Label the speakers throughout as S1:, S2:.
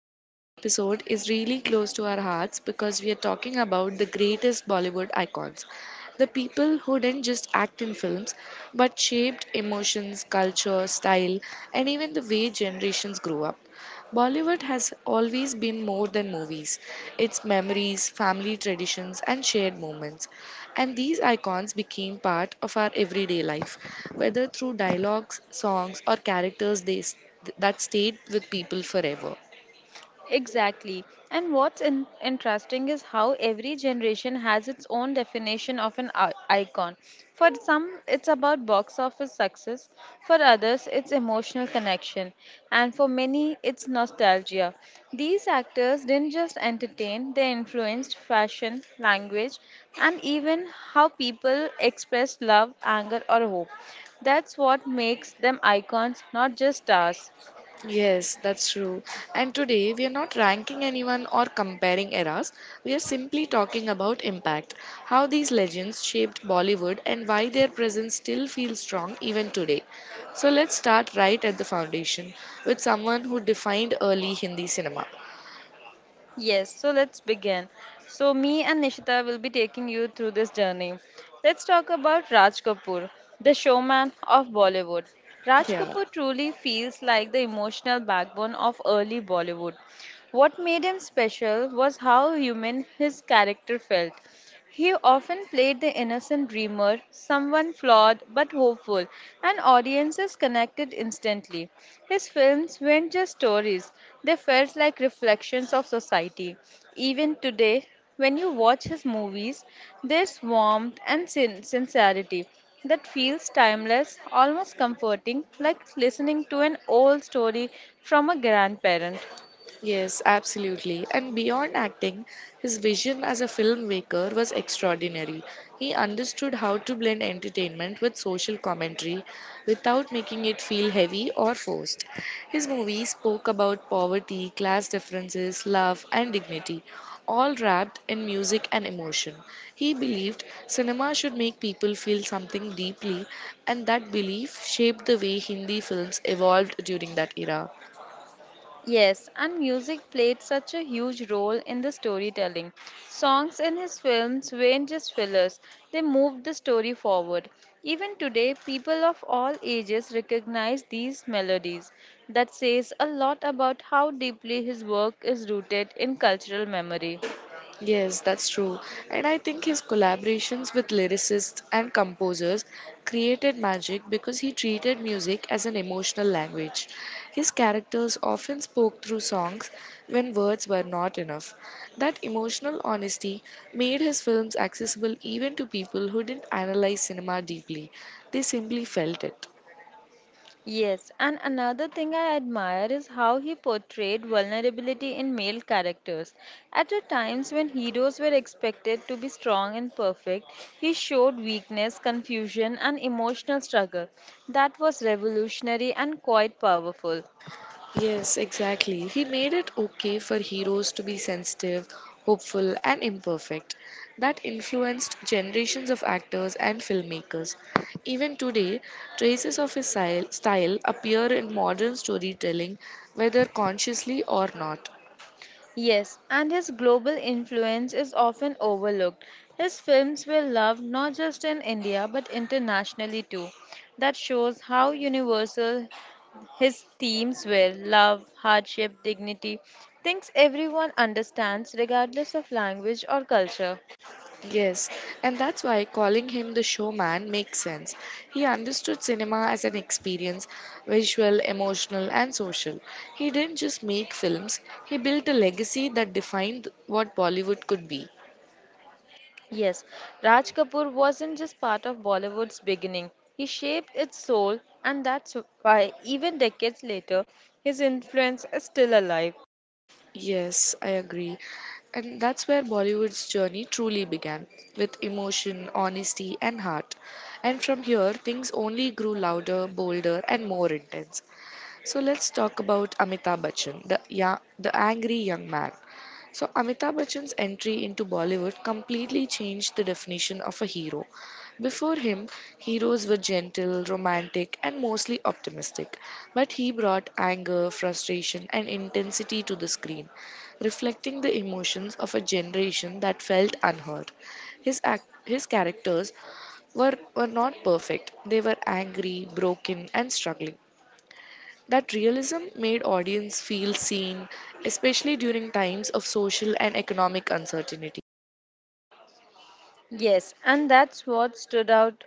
S1: Today's episode is really close to our hearts because we are talking about the greatest Bollywood icons. The people who didn't just act in films but shaped emotions, culture, style, and even the way generations grew up. Bollywood has always been more than movies. It's memories, family traditions, and shared moments. And these icons became part of our everyday life, whether through dialogues, songs, or that stayed with people forever.
S2: Exactly. And what's interesting is how every generation has its own definition of an icon. For some, it's about box office success. For others, it's emotional connection. And for many, it's nostalgia. These actors didn't just entertain, they influenced fashion, language, and even how people express love, anger, or hope. That's what makes them icons, not just stars.
S1: Yes, that's true. And today we are not ranking anyone or comparing eras. We are simply talking about impact, how these legends shaped Bollywood and why their presence still feels strong even today. So let's start right at the foundation with someone who defined early Hindi cinema.
S2: Yes, so let's begin. So, me and Nishita will be taking you through this journey. Let's talk about Raj Kapoor, the showman of Bollywood. Raj
S1: Yeah.
S2: Kapoor truly feels like the emotional backbone of early Bollywood. What made him special was how human his character felt. He often played the innocent dreamer, someone flawed but hopeful, and audiences connected instantly. His films weren't just stories, they felt like reflections of society. Even today, when you watch his movies, there's warmth and sincerity that feels timeless, almost comforting, like listening to an old story from a grandparent.
S1: Yes, absolutely. And beyond acting, his vision as a filmmaker was extraordinary. He understood how to blend entertainment with social commentary without making it feel heavy or forced. His movies spoke about poverty, class differences, love, and dignity, all wrapped in music and emotion. He believed cinema should make people feel something deeply, and that belief shaped the way Hindi films evolved during that era.
S2: Yes, and music played such a huge role in the storytelling. Songs in his films weren't just fillers, they moved the story forward. Even today, people of all ages recognize these melodies. That says a lot about how deeply his work is rooted in cultural memory.
S1: Yes, that's true. And I think his collaborations with lyricists and composers created magic because he treated music as an emotional language. His characters often spoke through songs when words were not enough. That emotional honesty made his films accessible even to people who didn't analyze cinema deeply, they simply felt it.
S2: Yes, and another thing I admire is how he portrayed vulnerability in male characters. At a times when heroes were expected to be strong and perfect, he showed weakness, confusion, and emotional struggle. That was revolutionary and quite powerful.
S1: Yes, exactly. He made it okay for heroes to be sensitive, hopeful, and imperfect. That influenced generations of actors and filmmakers. Even today, traces of his style appear in modern storytelling, whether consciously or not.
S2: Yes, and his global influence is often overlooked. His films were loved not just in India but internationally too. That shows how universal His themes were love, hardship, dignity, things everyone understands regardless of language or culture.
S1: Yes, and that's why calling him the showman makes sense. He understood cinema as an experience visual, emotional, and social. He didn't just make films, he built a legacy that defined what Bollywood could be.
S2: Yes, Raj Kapoor wasn't just part of Bollywood's beginning, he shaped its soul, and that's why, even decades later, his influence is still alive.
S1: Yes, I agree. And that's where Bollywood's journey truly began with emotion, honesty, and heart. And from here, things only grew louder, bolder, and more intense. So let's talk about Amitabh Bachchan, the angry young man. So Amitabh Bachchan's entry into Bollywood completely changed the definition of a hero. Before him, heroes were gentle, romantic, and mostly optimistic. But he brought anger, frustration, and intensity to the screen, reflecting the emotions of a generation that felt unheard. His characters were not perfect. They were angry, broken, and struggling that realism made audience feel seen, especially during times of social and economic uncertainty.
S2: Yes, and that's what stood out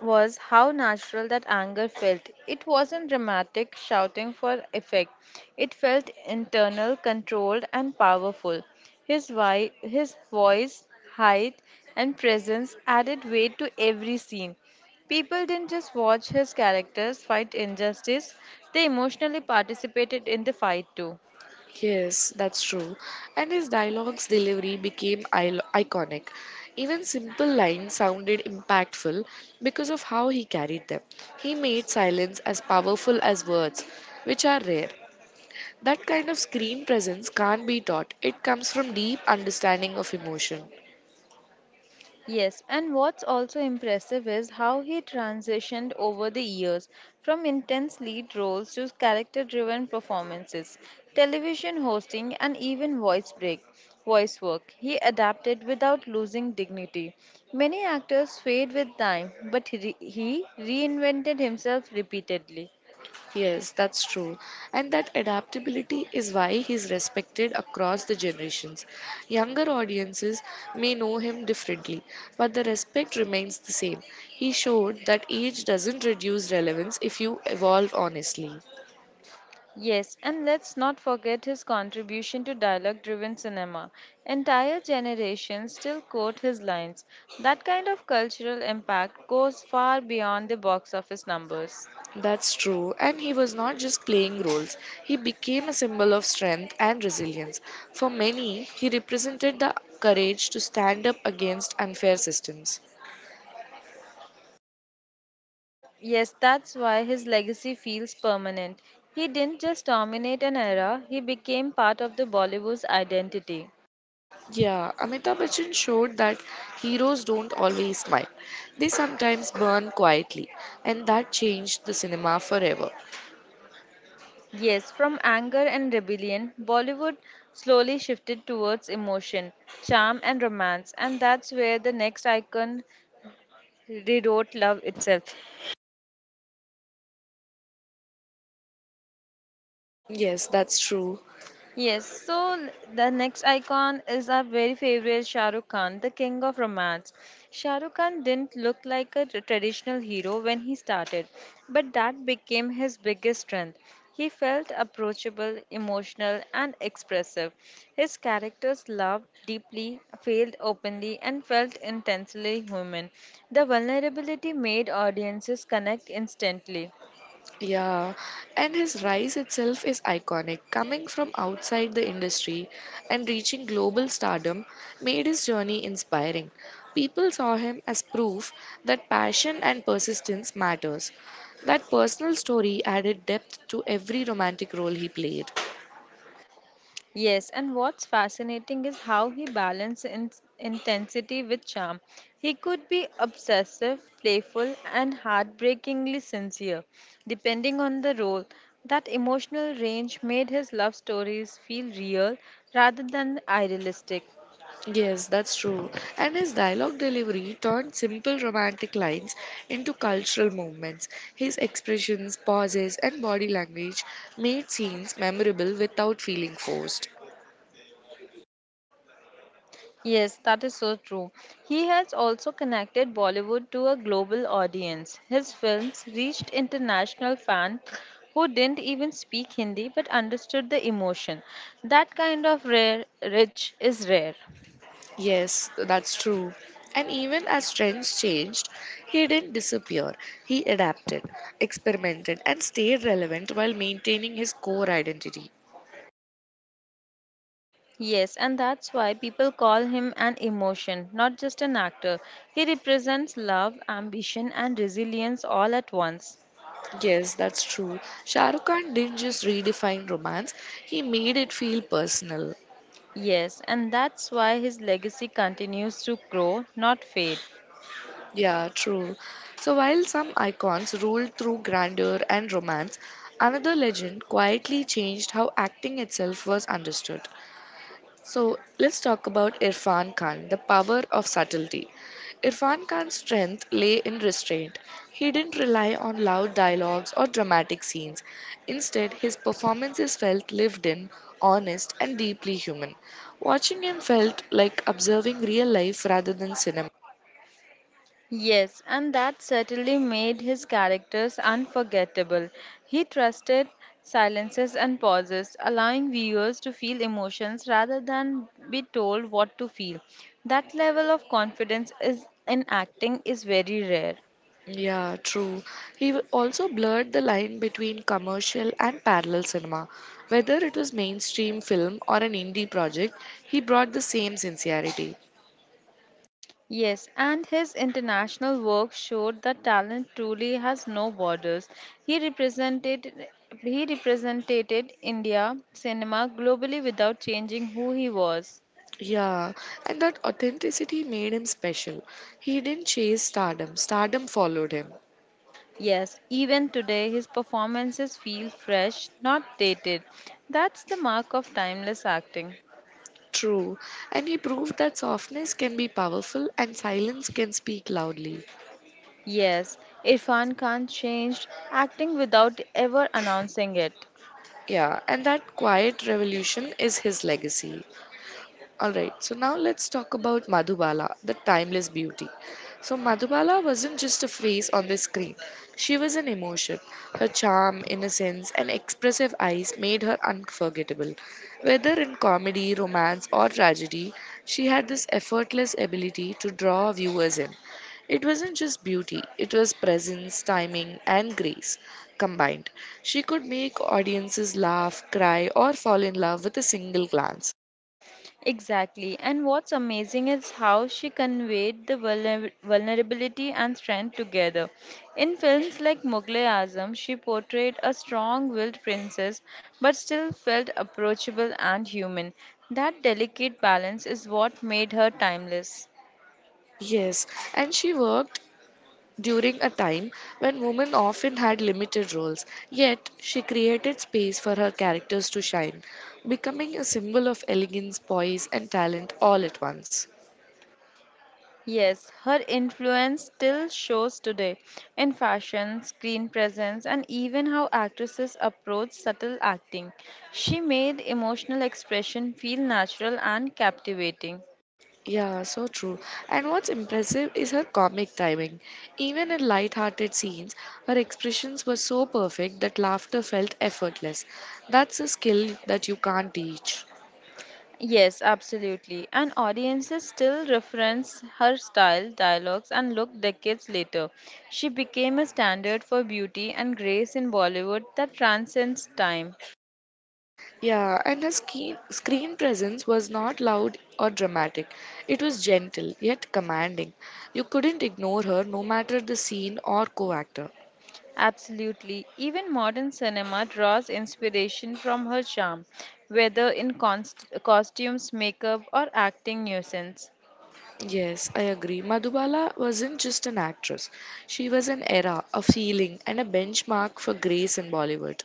S2: was how natural that anger felt. It wasn't dramatic shouting for effect. It felt internal, controlled, and powerful. His voice, height, and presence added weight to every scene. People didn't just watch his characters fight injustice, they emotionally participated in the fight too.
S1: Yes, that's true. And his dialogue's delivery became iconic. Even simple lines sounded impactful because of how he carried them. He made silence as powerful as words, which are rare. That kind of screen presence can't be taught. It comes from deep understanding of emotion.
S2: Yes, and what's also impressive is how he transitioned over the years from intense lead roles to character driven performances, television hosting, and even voice break. Voice work. He adapted without losing dignity. Many actors fade with time, but he reinvented himself repeatedly.
S1: Yes, that's true. And that adaptability is why he's respected across the generations. Younger audiences may know him differently, but the respect remains the same. He showed that age doesn't reduce relevance if you evolve honestly.
S2: Yes, and let's not forget his contribution to dialogue driven cinema. Entire generations still quote his lines. That kind of cultural impact goes far beyond the box office numbers.
S1: That's true. And he was not just playing roles, he became a symbol of strength and resilience. For many, he represented the courage to stand up against unfair systems.
S2: Yes, that's why his legacy feels permanent. He didn't just dominate an era, he became part of the Bollywood's identity.
S1: Yeah, Amitabh Bachchan showed that heroes don't always smile. They sometimes burn quietly, and that changed the cinema forever.
S2: Yes, from anger and rebellion, Bollywood slowly shifted towards emotion, charm, and romance, and that's where the next icon They don't love itself.
S1: Yes, that's true.
S2: Yes, so the next icon is our very favorite Shah Rukh Khan, the king of romance. Shah Rukh Khan didn't look like a traditional hero when he started, but that became his biggest strength. He felt approachable, emotional, and expressive. His characters loved deeply, failed openly, and felt intensely human. The vulnerability made audiences connect instantly.
S1: Yeah, and his rise itself is iconic. Coming from outside the industry and reaching global stardom made his journey inspiring. People saw him as proof that passion and persistence matters. That personal story added depth to every romantic role he played.
S2: Yes, and what's fascinating is how he balanced intensity with charm. He could be obsessive, playful, and heartbreakingly sincere, depending on the role. That emotional range made his love stories feel real rather than idealistic.
S1: Yes, that's true. And his dialogue delivery turned simple romantic lines into cultural movements. His expressions, pauses, and body language made scenes memorable without feeling forced.
S2: Yes, that is so true. He has also connected Bollywood to a global audience. His films reached international fans who didn't even speak Hindi but understood the emotion. That kind of rare rich is rare.
S1: Yes, that's true. And even as trends changed, he didn't disappear. He adapted, experimented, and stayed relevant while maintaining his core identity.
S2: Yes, and that's why people call him an emotion, not just an actor. He represents love, ambition, and resilience all at once.
S1: Yes, that's true. Shah Rukh Khan didn't just redefine romance, he made it feel personal.
S2: Yes, and that's why his legacy continues to grow, not fade.
S1: Yeah, true. So while some icons ruled through grandeur and romance, another legend quietly changed how acting itself was understood. So let's talk about Irfan Khan, the power of subtlety. Irfan Khan's strength lay in restraint. He didn't rely on loud dialogues or dramatic scenes. Instead, his performances felt lived in, honest, and deeply human. Watching him felt like observing real life rather than cinema.
S2: Yes, and that certainly made his characters unforgettable. He trusted silences and pauses, allowing viewers to feel emotions rather than be told what to feel. That level of confidence is in acting is very rare.
S1: Yeah, true. He also blurred the line between commercial and parallel cinema. Whether it was mainstream film or an indie project, he brought the same sincerity.
S2: Yes, and his international work showed that talent truly has no borders. He represented he represented India cinema globally without changing who he was.
S1: Yeah, and that authenticity made him special. He didn't chase stardom, stardom followed him.
S2: Yes, even today his performances feel fresh, not dated. That's the mark of timeless acting.
S1: True. And he proved that softness can be powerful and silence can speak loudly.
S2: Yes, Irfan Khan changed acting without ever announcing it.
S1: Yeah, and that quiet revolution is his legacy. All right, so now let's talk about Madhubala, the timeless beauty. So, Madhubala wasn't just a face on the screen, she was an emotion. Her charm, innocence, and expressive eyes made her unforgettable. Whether in comedy, romance, or tragedy, she had this effortless ability to draw viewers in. It wasn't just beauty, it was presence, timing, and grace combined. She could make audiences laugh, cry, or fall in love with a single glance.
S2: Exactly, and what's amazing is how she conveyed the vulnerability and strength together. In films like Mughal Azam, she portrayed a strong willed princess but still felt approachable and human. That delicate balance is what made her timeless.
S1: Yes, and she worked during a time when women often had limited roles, yet she created space for her characters to shine, becoming a symbol of elegance, poise, and talent all at once.
S2: Yes, her influence still shows today in fashion, screen presence, and even how actresses approach subtle acting. She made emotional expression feel natural and captivating.
S1: Yeah, so true. And what's impressive is her comic timing. Even in light-hearted scenes, her expressions were so perfect that laughter felt effortless. That's a skill that you can't teach.
S2: Yes, absolutely. And audiences still reference her style, dialogues, and look decades later. She became a standard for beauty and grace in Bollywood that transcends time.
S1: Yeah, and her screen presence was not loud or dramatic. It was gentle, yet commanding. You couldn't ignore her no matter the scene or co actor.
S2: Absolutely. Even modern cinema draws inspiration from her charm, whether in costumes, makeup, or acting nuisance.
S1: Yes, I agree. Madhubala wasn't just an actress, she was an era, a feeling, and a benchmark for grace in Bollywood.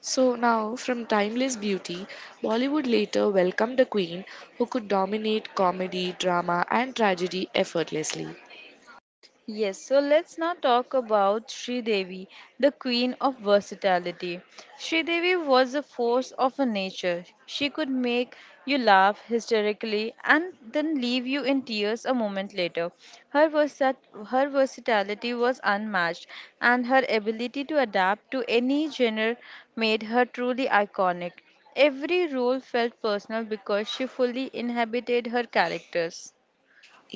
S1: So now, from timeless beauty, Bollywood later welcomed a queen who could dominate comedy, drama, and tragedy effortlessly.
S2: Yes, so let's now talk about Sri Devi, the queen of versatility. Sri Devi was a force of a nature. She could make you laugh hysterically and then leave you in tears a moment later. Her her versatility was unmatched, and her ability to adapt to any genre made her truly iconic. Every role felt personal because she fully inhabited her characters.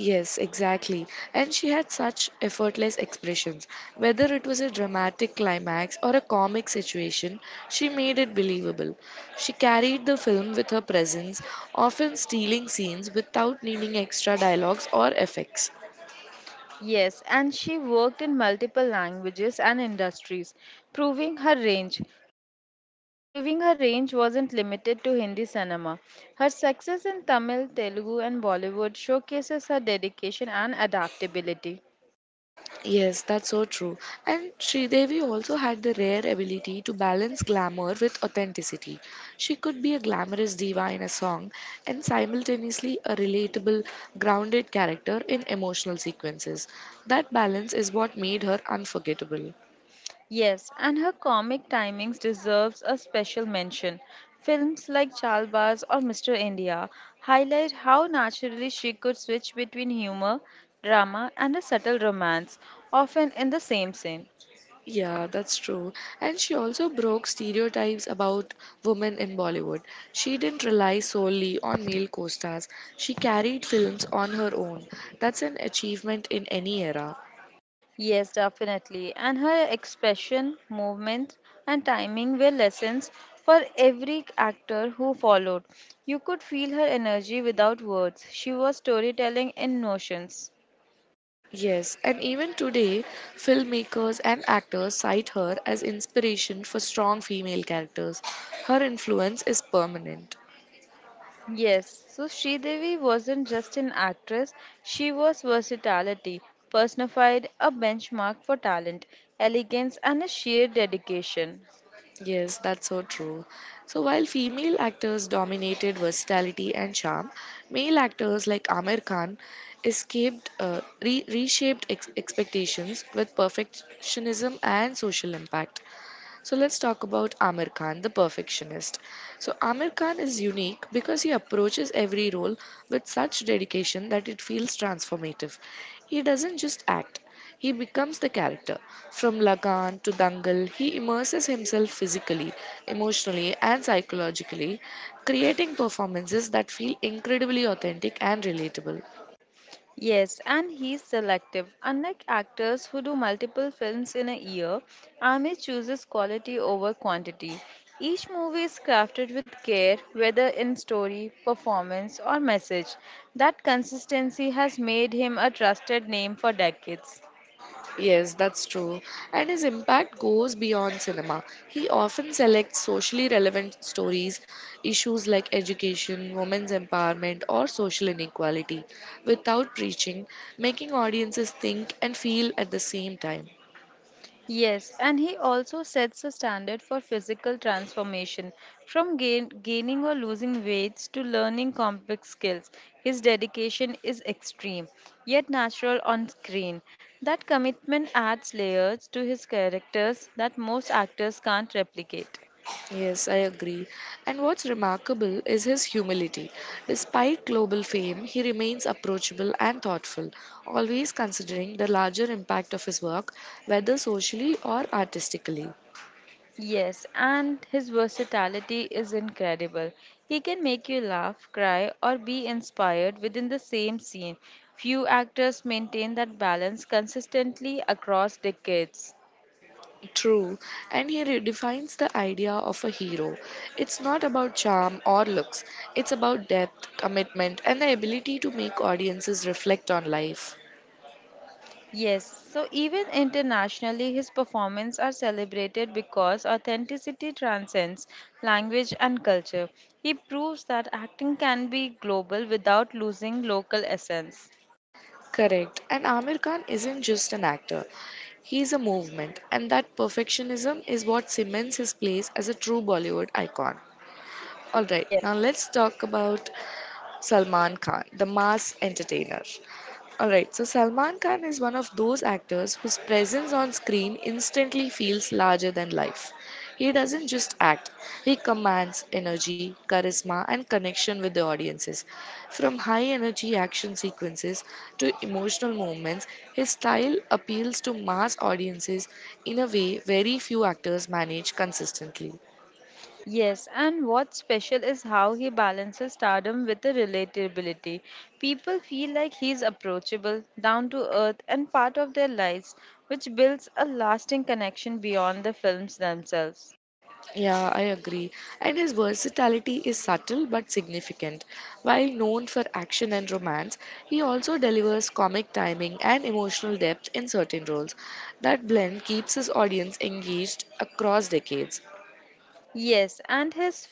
S1: Yes, exactly. And she had such effortless expressions. Whether it was a dramatic climax or a comic situation, she made it believable. She carried the film with her presence, often stealing scenes without needing extra dialogues or effects.
S2: Yes, and she worked in multiple languages and industries, proving her range. Proving her range wasn't limited to Hindi cinema. Her success in Tamil, Telugu, and Bollywood showcases her dedication and adaptability.
S1: Yes, that's so true. And Sridevi also had the rare ability to balance glamour with authenticity. She could be a glamorous diva in a song and simultaneously a relatable, grounded character in emotional sequences. That balance is what made her unforgettable.
S2: Yes, and her comic timings deserves a special mention. Films like Chalbaz or Mr. India highlight how naturally she could switch between humor, drama, and a subtle romance, often in the same scene.
S1: Yeah, that's true. And she also broke stereotypes about women in Bollywood. She didn't rely solely on male co stars, she carried films on her own. That's an achievement in any era.
S2: Yes, definitely. And her expression, movements, and timing were lessons for every actor who followed. You could feel her energy without words. She was storytelling in notions.
S1: Yes, and even today, filmmakers and actors cite her as inspiration for strong female characters. Her influence is permanent.
S2: Yes, so Sridevi wasn't just an actress, she was versatility, personified a benchmark for talent, elegance, and a sheer dedication.
S1: Yes, that's so true. So while female actors dominated versatility and charm, male actors like Amir Khan reshaped expectations with perfectionism and social impact. So let's talk about Amir Khan, the perfectionist. So Amir Khan is unique because he approaches every role with such dedication that it feels transformative. He doesn't just act, he becomes the character. From Lagan to Dangal, he immerses himself physically, emotionally, and psychologically, creating performances that feel incredibly authentic and relatable.
S2: Yes, and he's selective. Unlike actors who do multiple films in a year, Amit chooses quality over quantity. Each movie is crafted with care, whether in story, performance, or message. That consistency has made him a trusted name for decades.
S1: Yes, that's true. And his impact goes beyond cinema. He often selects socially relevant stories, issues like education, women's empowerment, or social inequality, without preaching, making audiences think and feel at the same time.
S2: Yes, and he also sets a standard for physical transformation from gaining or losing weights to learning complex skills. His dedication is extreme, yet natural on screen. That commitment adds layers to his characters that most actors can't replicate.
S1: Yes, I agree. And what's remarkable is his humility. Despite global fame, he remains approachable and thoughtful, always considering the larger impact of his work, whether socially or artistically.
S2: Yes, and his versatility is incredible. He can make you laugh, cry, or be inspired within the same scene. Few actors maintain that balance consistently across decades.
S1: True, and he redefines the idea of a hero. It's not about charm or looks, it's about depth, commitment, and the ability to make audiences reflect on life.
S2: Yes, so even internationally, his performances are celebrated because authenticity transcends language and culture. He proves that acting can be global without losing local essence.
S1: Correct, and Amir Khan isn't just an actor, he's a movement, and that perfectionism is what cements his place as a true Bollywood icon. Alright,
S2: Yes.
S1: now let's talk about Salman Khan, the mass entertainer. Alright, so Salman Khan is one of those actors whose presence on screen instantly feels larger than life. He doesn't just act, he commands energy, charisma, and connection with the audiences. From high energy action sequences to emotional moments, his style appeals to mass audiences in a way very few actors manage consistently.
S2: Yes, and what's special is how he balances stardom with the relatability. People feel like he's approachable, down to earth, and part of their lives, which builds a lasting connection beyond the films themselves.
S1: Yeah, I agree. And his versatility is subtle but significant. While known for action and romance, he also delivers comic timing and emotional depth in certain roles. That blend keeps his audience engaged across decades.
S2: Yes, and his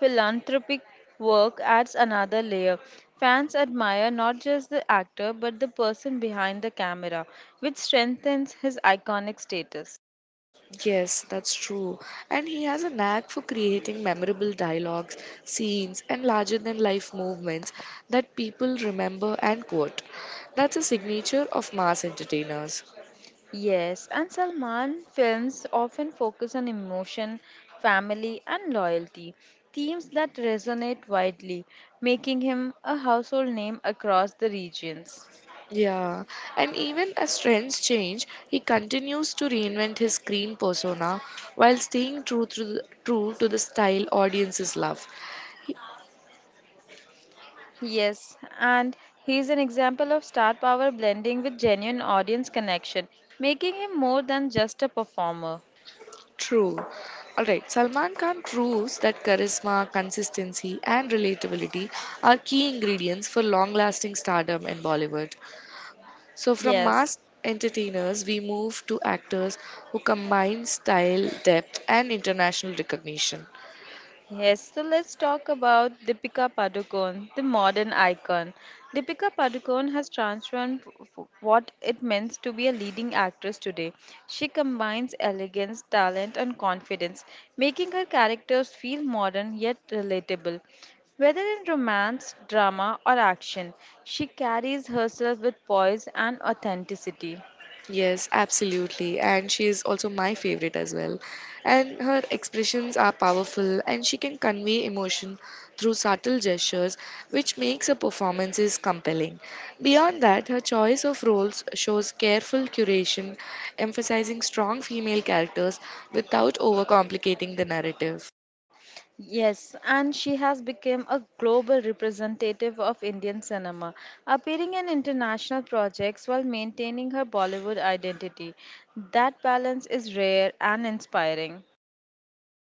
S2: philanthropic work adds another layer. Fans admire not just the actor but the person behind the camera, which strengthens his iconic status.
S1: Yes, that's true. And he has a knack for creating memorable dialogues, scenes, and larger than life movements that people remember and quote. That's a signature of mass entertainers.
S2: Yes, and Salman films often focus on emotion, family, and loyalty, themes that resonate widely, making him a household name across the regions.
S1: Yeah, and even as trends change, he continues to reinvent his screen persona while staying true to the style audiences love. He-
S2: Yes, and he's an example of star power blending with genuine audience connection, making him more than just a performer.
S1: true. Alright, Salman Khan proves that charisma, consistency, and relatability are key ingredients for long lasting stardom in Bollywood. So, from
S2: Yes.
S1: mass entertainers, we move to actors who combine style, depth, and international recognition.
S2: Yes, so let's talk about Deepika Padukone, the modern icon. Deepika Padukone has transformed what it means to be a leading actress today. She combines elegance, talent, and confidence, making her characters feel modern yet relatable. Whether in romance, drama, or action, she carries herself with poise and authenticity.
S1: Yes, absolutely. And she is also my favorite as well. And her expressions are powerful and she can convey emotion through subtle gestures, which makes her performances compelling. Beyond that, her choice of roles shows careful curation, emphasizing strong female characters without overcomplicating the narrative.
S2: Yes, and she has become a global representative of Indian cinema, appearing in international projects while maintaining her Bollywood identity. That balance is rare and inspiring.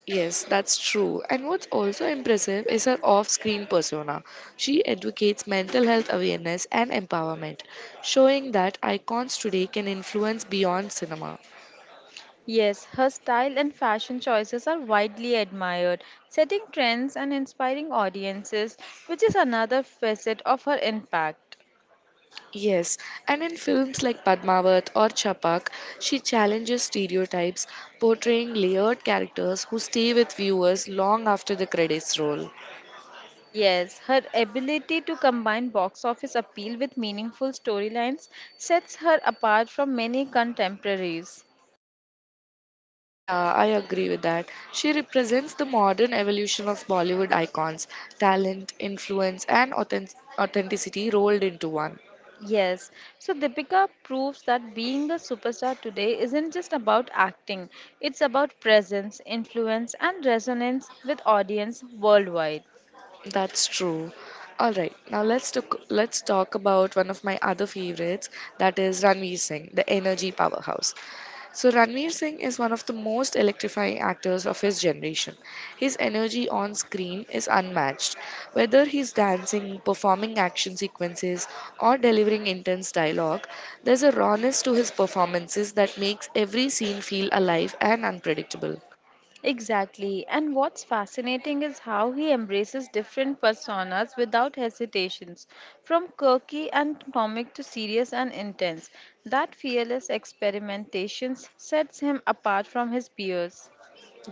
S1: Yes, that's true. And what's also impressive is her off screen persona. She advocates mental health awareness and empowerment, showing that icons today can influence beyond cinema.
S2: Yes, her style and fashion choices are widely admired, setting trends and inspiring audiences, which is another facet of her impact.
S1: Yes, and in films like Padmavat or Chapak, she challenges stereotypes, portraying layered characters who stay with viewers long after the credits roll.
S2: Yes, her ability to combine box office appeal with meaningful storylines sets her apart from many contemporaries.
S1: Yeah, I agree with that. She represents the modern evolution of Bollywood icons, talent, influence, and authenticity rolled into one.
S2: Yes, so Deepika proves that being a superstar today isn't just about acting, it's about presence, influence, and resonance with audience worldwide.
S1: That's true. All right, let's talk about one of my other favorites, that is Ranveer Singh, the energy powerhouse. So Ranveer Singh is one of the most electrifying actors of his generation. His energy on screen is unmatched. Whether he's dancing, performing action sequences, or delivering intense dialogue, there's a rawness to his performances that makes every scene feel alive and unpredictable.
S2: Exactly. And what's fascinating is how he embraces different personas without hesitations, from quirky and comic to serious and intense. That fearless experimentation sets him apart from his peers.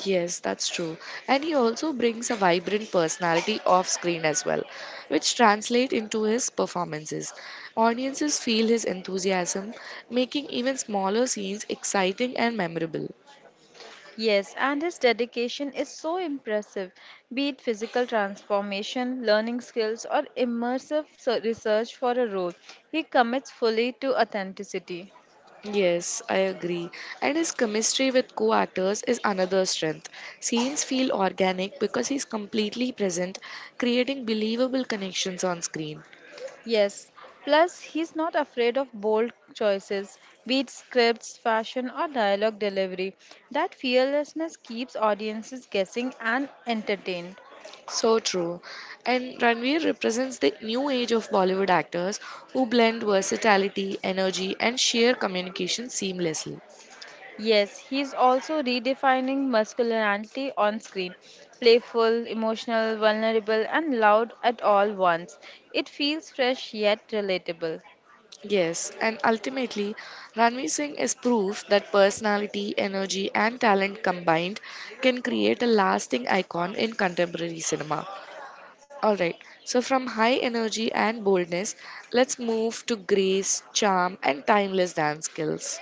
S1: Yes, that's true. And he also brings a vibrant personality off screen as well, which translate into his performances. Audiences feel his enthusiasm, making even smaller scenes exciting and memorable.
S2: Yes, and his dedication is so impressive, be it physical transformation, learning skills, or immersive research for a role. He commits fully to authenticity.
S1: Yes, I agree. And his chemistry with co actors is another strength. Scenes feel organic because he's completely present, creating believable connections on screen.
S2: Yes, plus he's not afraid of bold choices, be it scripts, fashion, or dialogue delivery. That fearlessness keeps audiences guessing and entertained.
S1: So true. And Ranveer represents the new age of Bollywood actors who blend versatility, energy, and sheer communication seamlessly.
S2: Yes, he's also redefining masculinity on screen playful, emotional, vulnerable, and loud at all once. It feels fresh yet relatable.
S1: Yes, and ultimately, Ranveer Singh is proof that personality, energy, and talent combined can create a lasting icon in contemporary cinema. Alright, so from high energy and boldness, let's move to grace, charm, and timeless dance skills.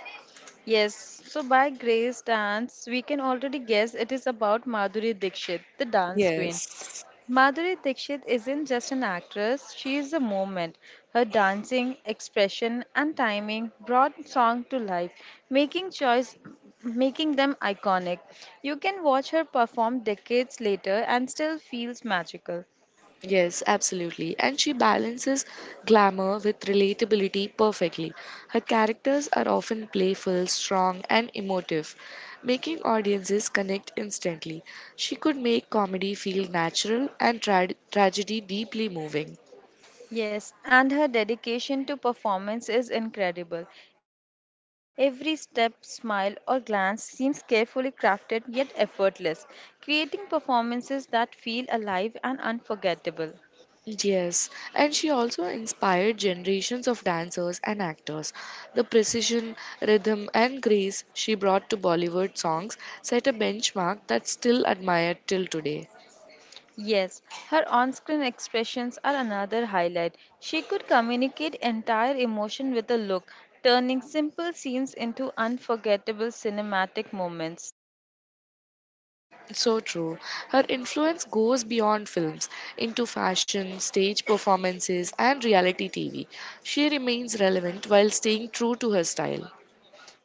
S2: Yes, so by Grace Dance, we can already guess it is about Madhuri Dixit, the dance queen.
S1: Yes.
S2: Madhuri Dixit isn't just an actress, she is a moment. Her dancing, expression, and timing brought song to life, making choice making them iconic. You can watch her perform decades later and still feels magical.
S1: Yes, absolutely. And she balances glamour with relatability perfectly. Her characters are often playful, strong, and emotive, making audiences connect instantly. She could make comedy feel natural and tragedy deeply moving.
S2: Yes, and her dedication to performance is incredible. Every step, smile, or glance seems carefully crafted yet effortless, creating performances that feel alive and unforgettable.
S1: Yes, and she also inspired generations of dancers and actors. The precision, rhythm, and grace she brought to Bollywood songs set a benchmark that's still admired till today.
S2: Yes, her on screen expressions are another highlight. She could communicate entire emotion with a look, turning simple scenes into unforgettable cinematic moments.
S1: So true. Her influence goes beyond films into fashion, stage performances, and reality TV. She remains relevant while staying true to her style.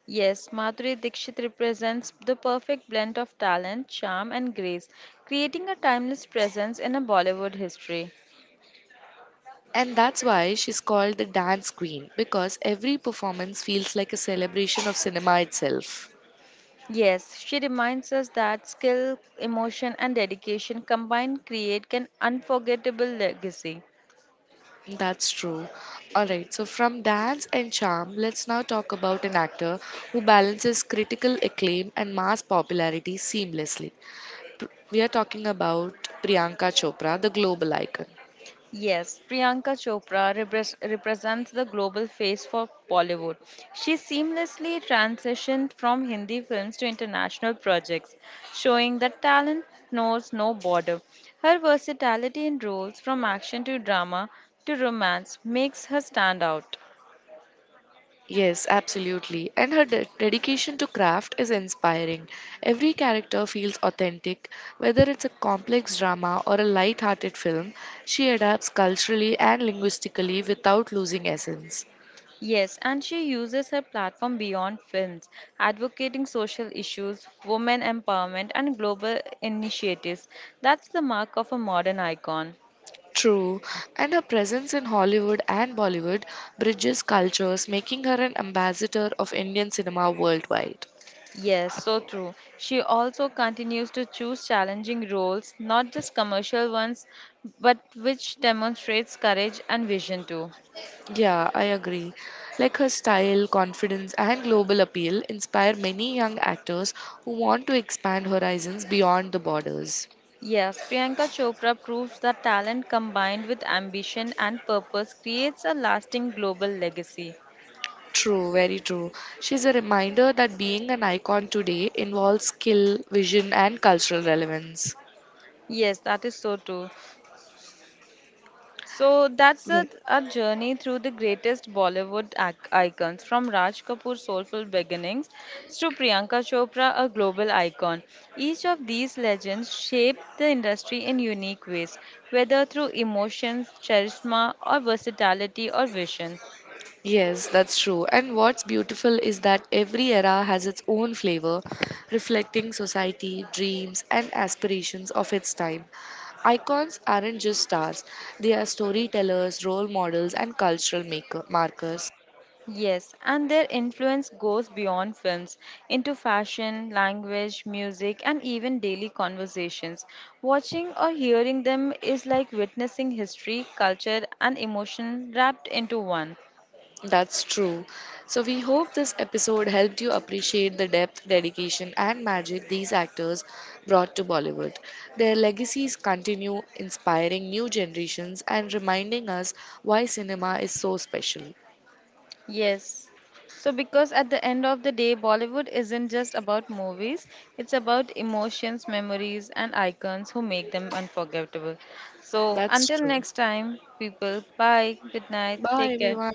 S2: Yes, Madhuri Dixit represents the perfect blend of talent, charm, and grace, creating a timeless presence in a Bollywood history.
S1: And that's why she's called the dance queen because every performance feels like a celebration of cinema itself.
S2: Yes, she reminds us that skill, emotion, and dedication combined create an unforgettable legacy.
S1: That's true. Alright, so from dance and charm, let's now talk about an actor who balances critical acclaim and mass popularity seamlessly. We are talking about Priyanka Chopra, the global icon.
S2: Yes, Priyanka Chopra represents the global face for Bollywood. She seamlessly transitioned from Hindi films to international projects, showing that talent knows no border. Her versatility in roles from action to drama to romance makes her stand out.
S1: Yes, absolutely. And her dedication to craft is inspiring. Every character feels authentic, whether it's a complex drama or a light-hearted film, she adapts culturally and linguistically without losing essence.
S2: Yes, and she uses her platform beyond films, advocating social issues, women empowerment, and global initiatives. That's the mark of a modern icon.
S1: True, and her presence in Hollywood and Bollywood bridges cultures, making her an ambassador of Indian cinema worldwide.
S2: Yes, so true. She also continues to choose challenging roles, not just commercial ones, but which demonstrates courage and vision too.
S1: Yeah, I agree. Like her style, confidence, and global appeal inspire many young actors who want to expand horizons beyond the borders.
S2: Yes, Priyanka Chopra proves that talent combined with ambition and purpose creates a lasting global legacy.
S1: True, very true. She's a reminder that being an icon today involves skill, vision, and cultural relevance.
S2: Yes, that is so true. So that's
S1: Right.
S2: a journey through the greatest Bollywood icons, from Raj Kapoor's soulful beginnings to Priyanka Chopra, a global icon. Each of these legends shaped the industry in unique ways, whether through emotions, charisma, or versatility or vision.
S1: Yes, that's true. And what's beautiful is that every era has its own flavor, reflecting society, dreams, and aspirations of its time. Icons aren't just stars, they are storytellers, role models, and cultural markers.
S2: Yes, and their influence goes beyond films into fashion, language, music, and even daily conversations. Watching or hearing them is like witnessing history, culture, and emotion wrapped into one.
S1: That's true. So, we hope this episode helped you appreciate the depth, dedication, and magic these actors brought to Bollywood. Their legacies continue inspiring new generations and reminding us why cinema is so special.
S2: Yes. So, because at the end of the day, Bollywood isn't just about movies, it's about emotions, memories, and icons who make them unforgettable. So,
S1: That's
S2: until
S1: true.
S2: next time, people, bye, good night,
S1: Bye,
S2: take care.
S1: everyone.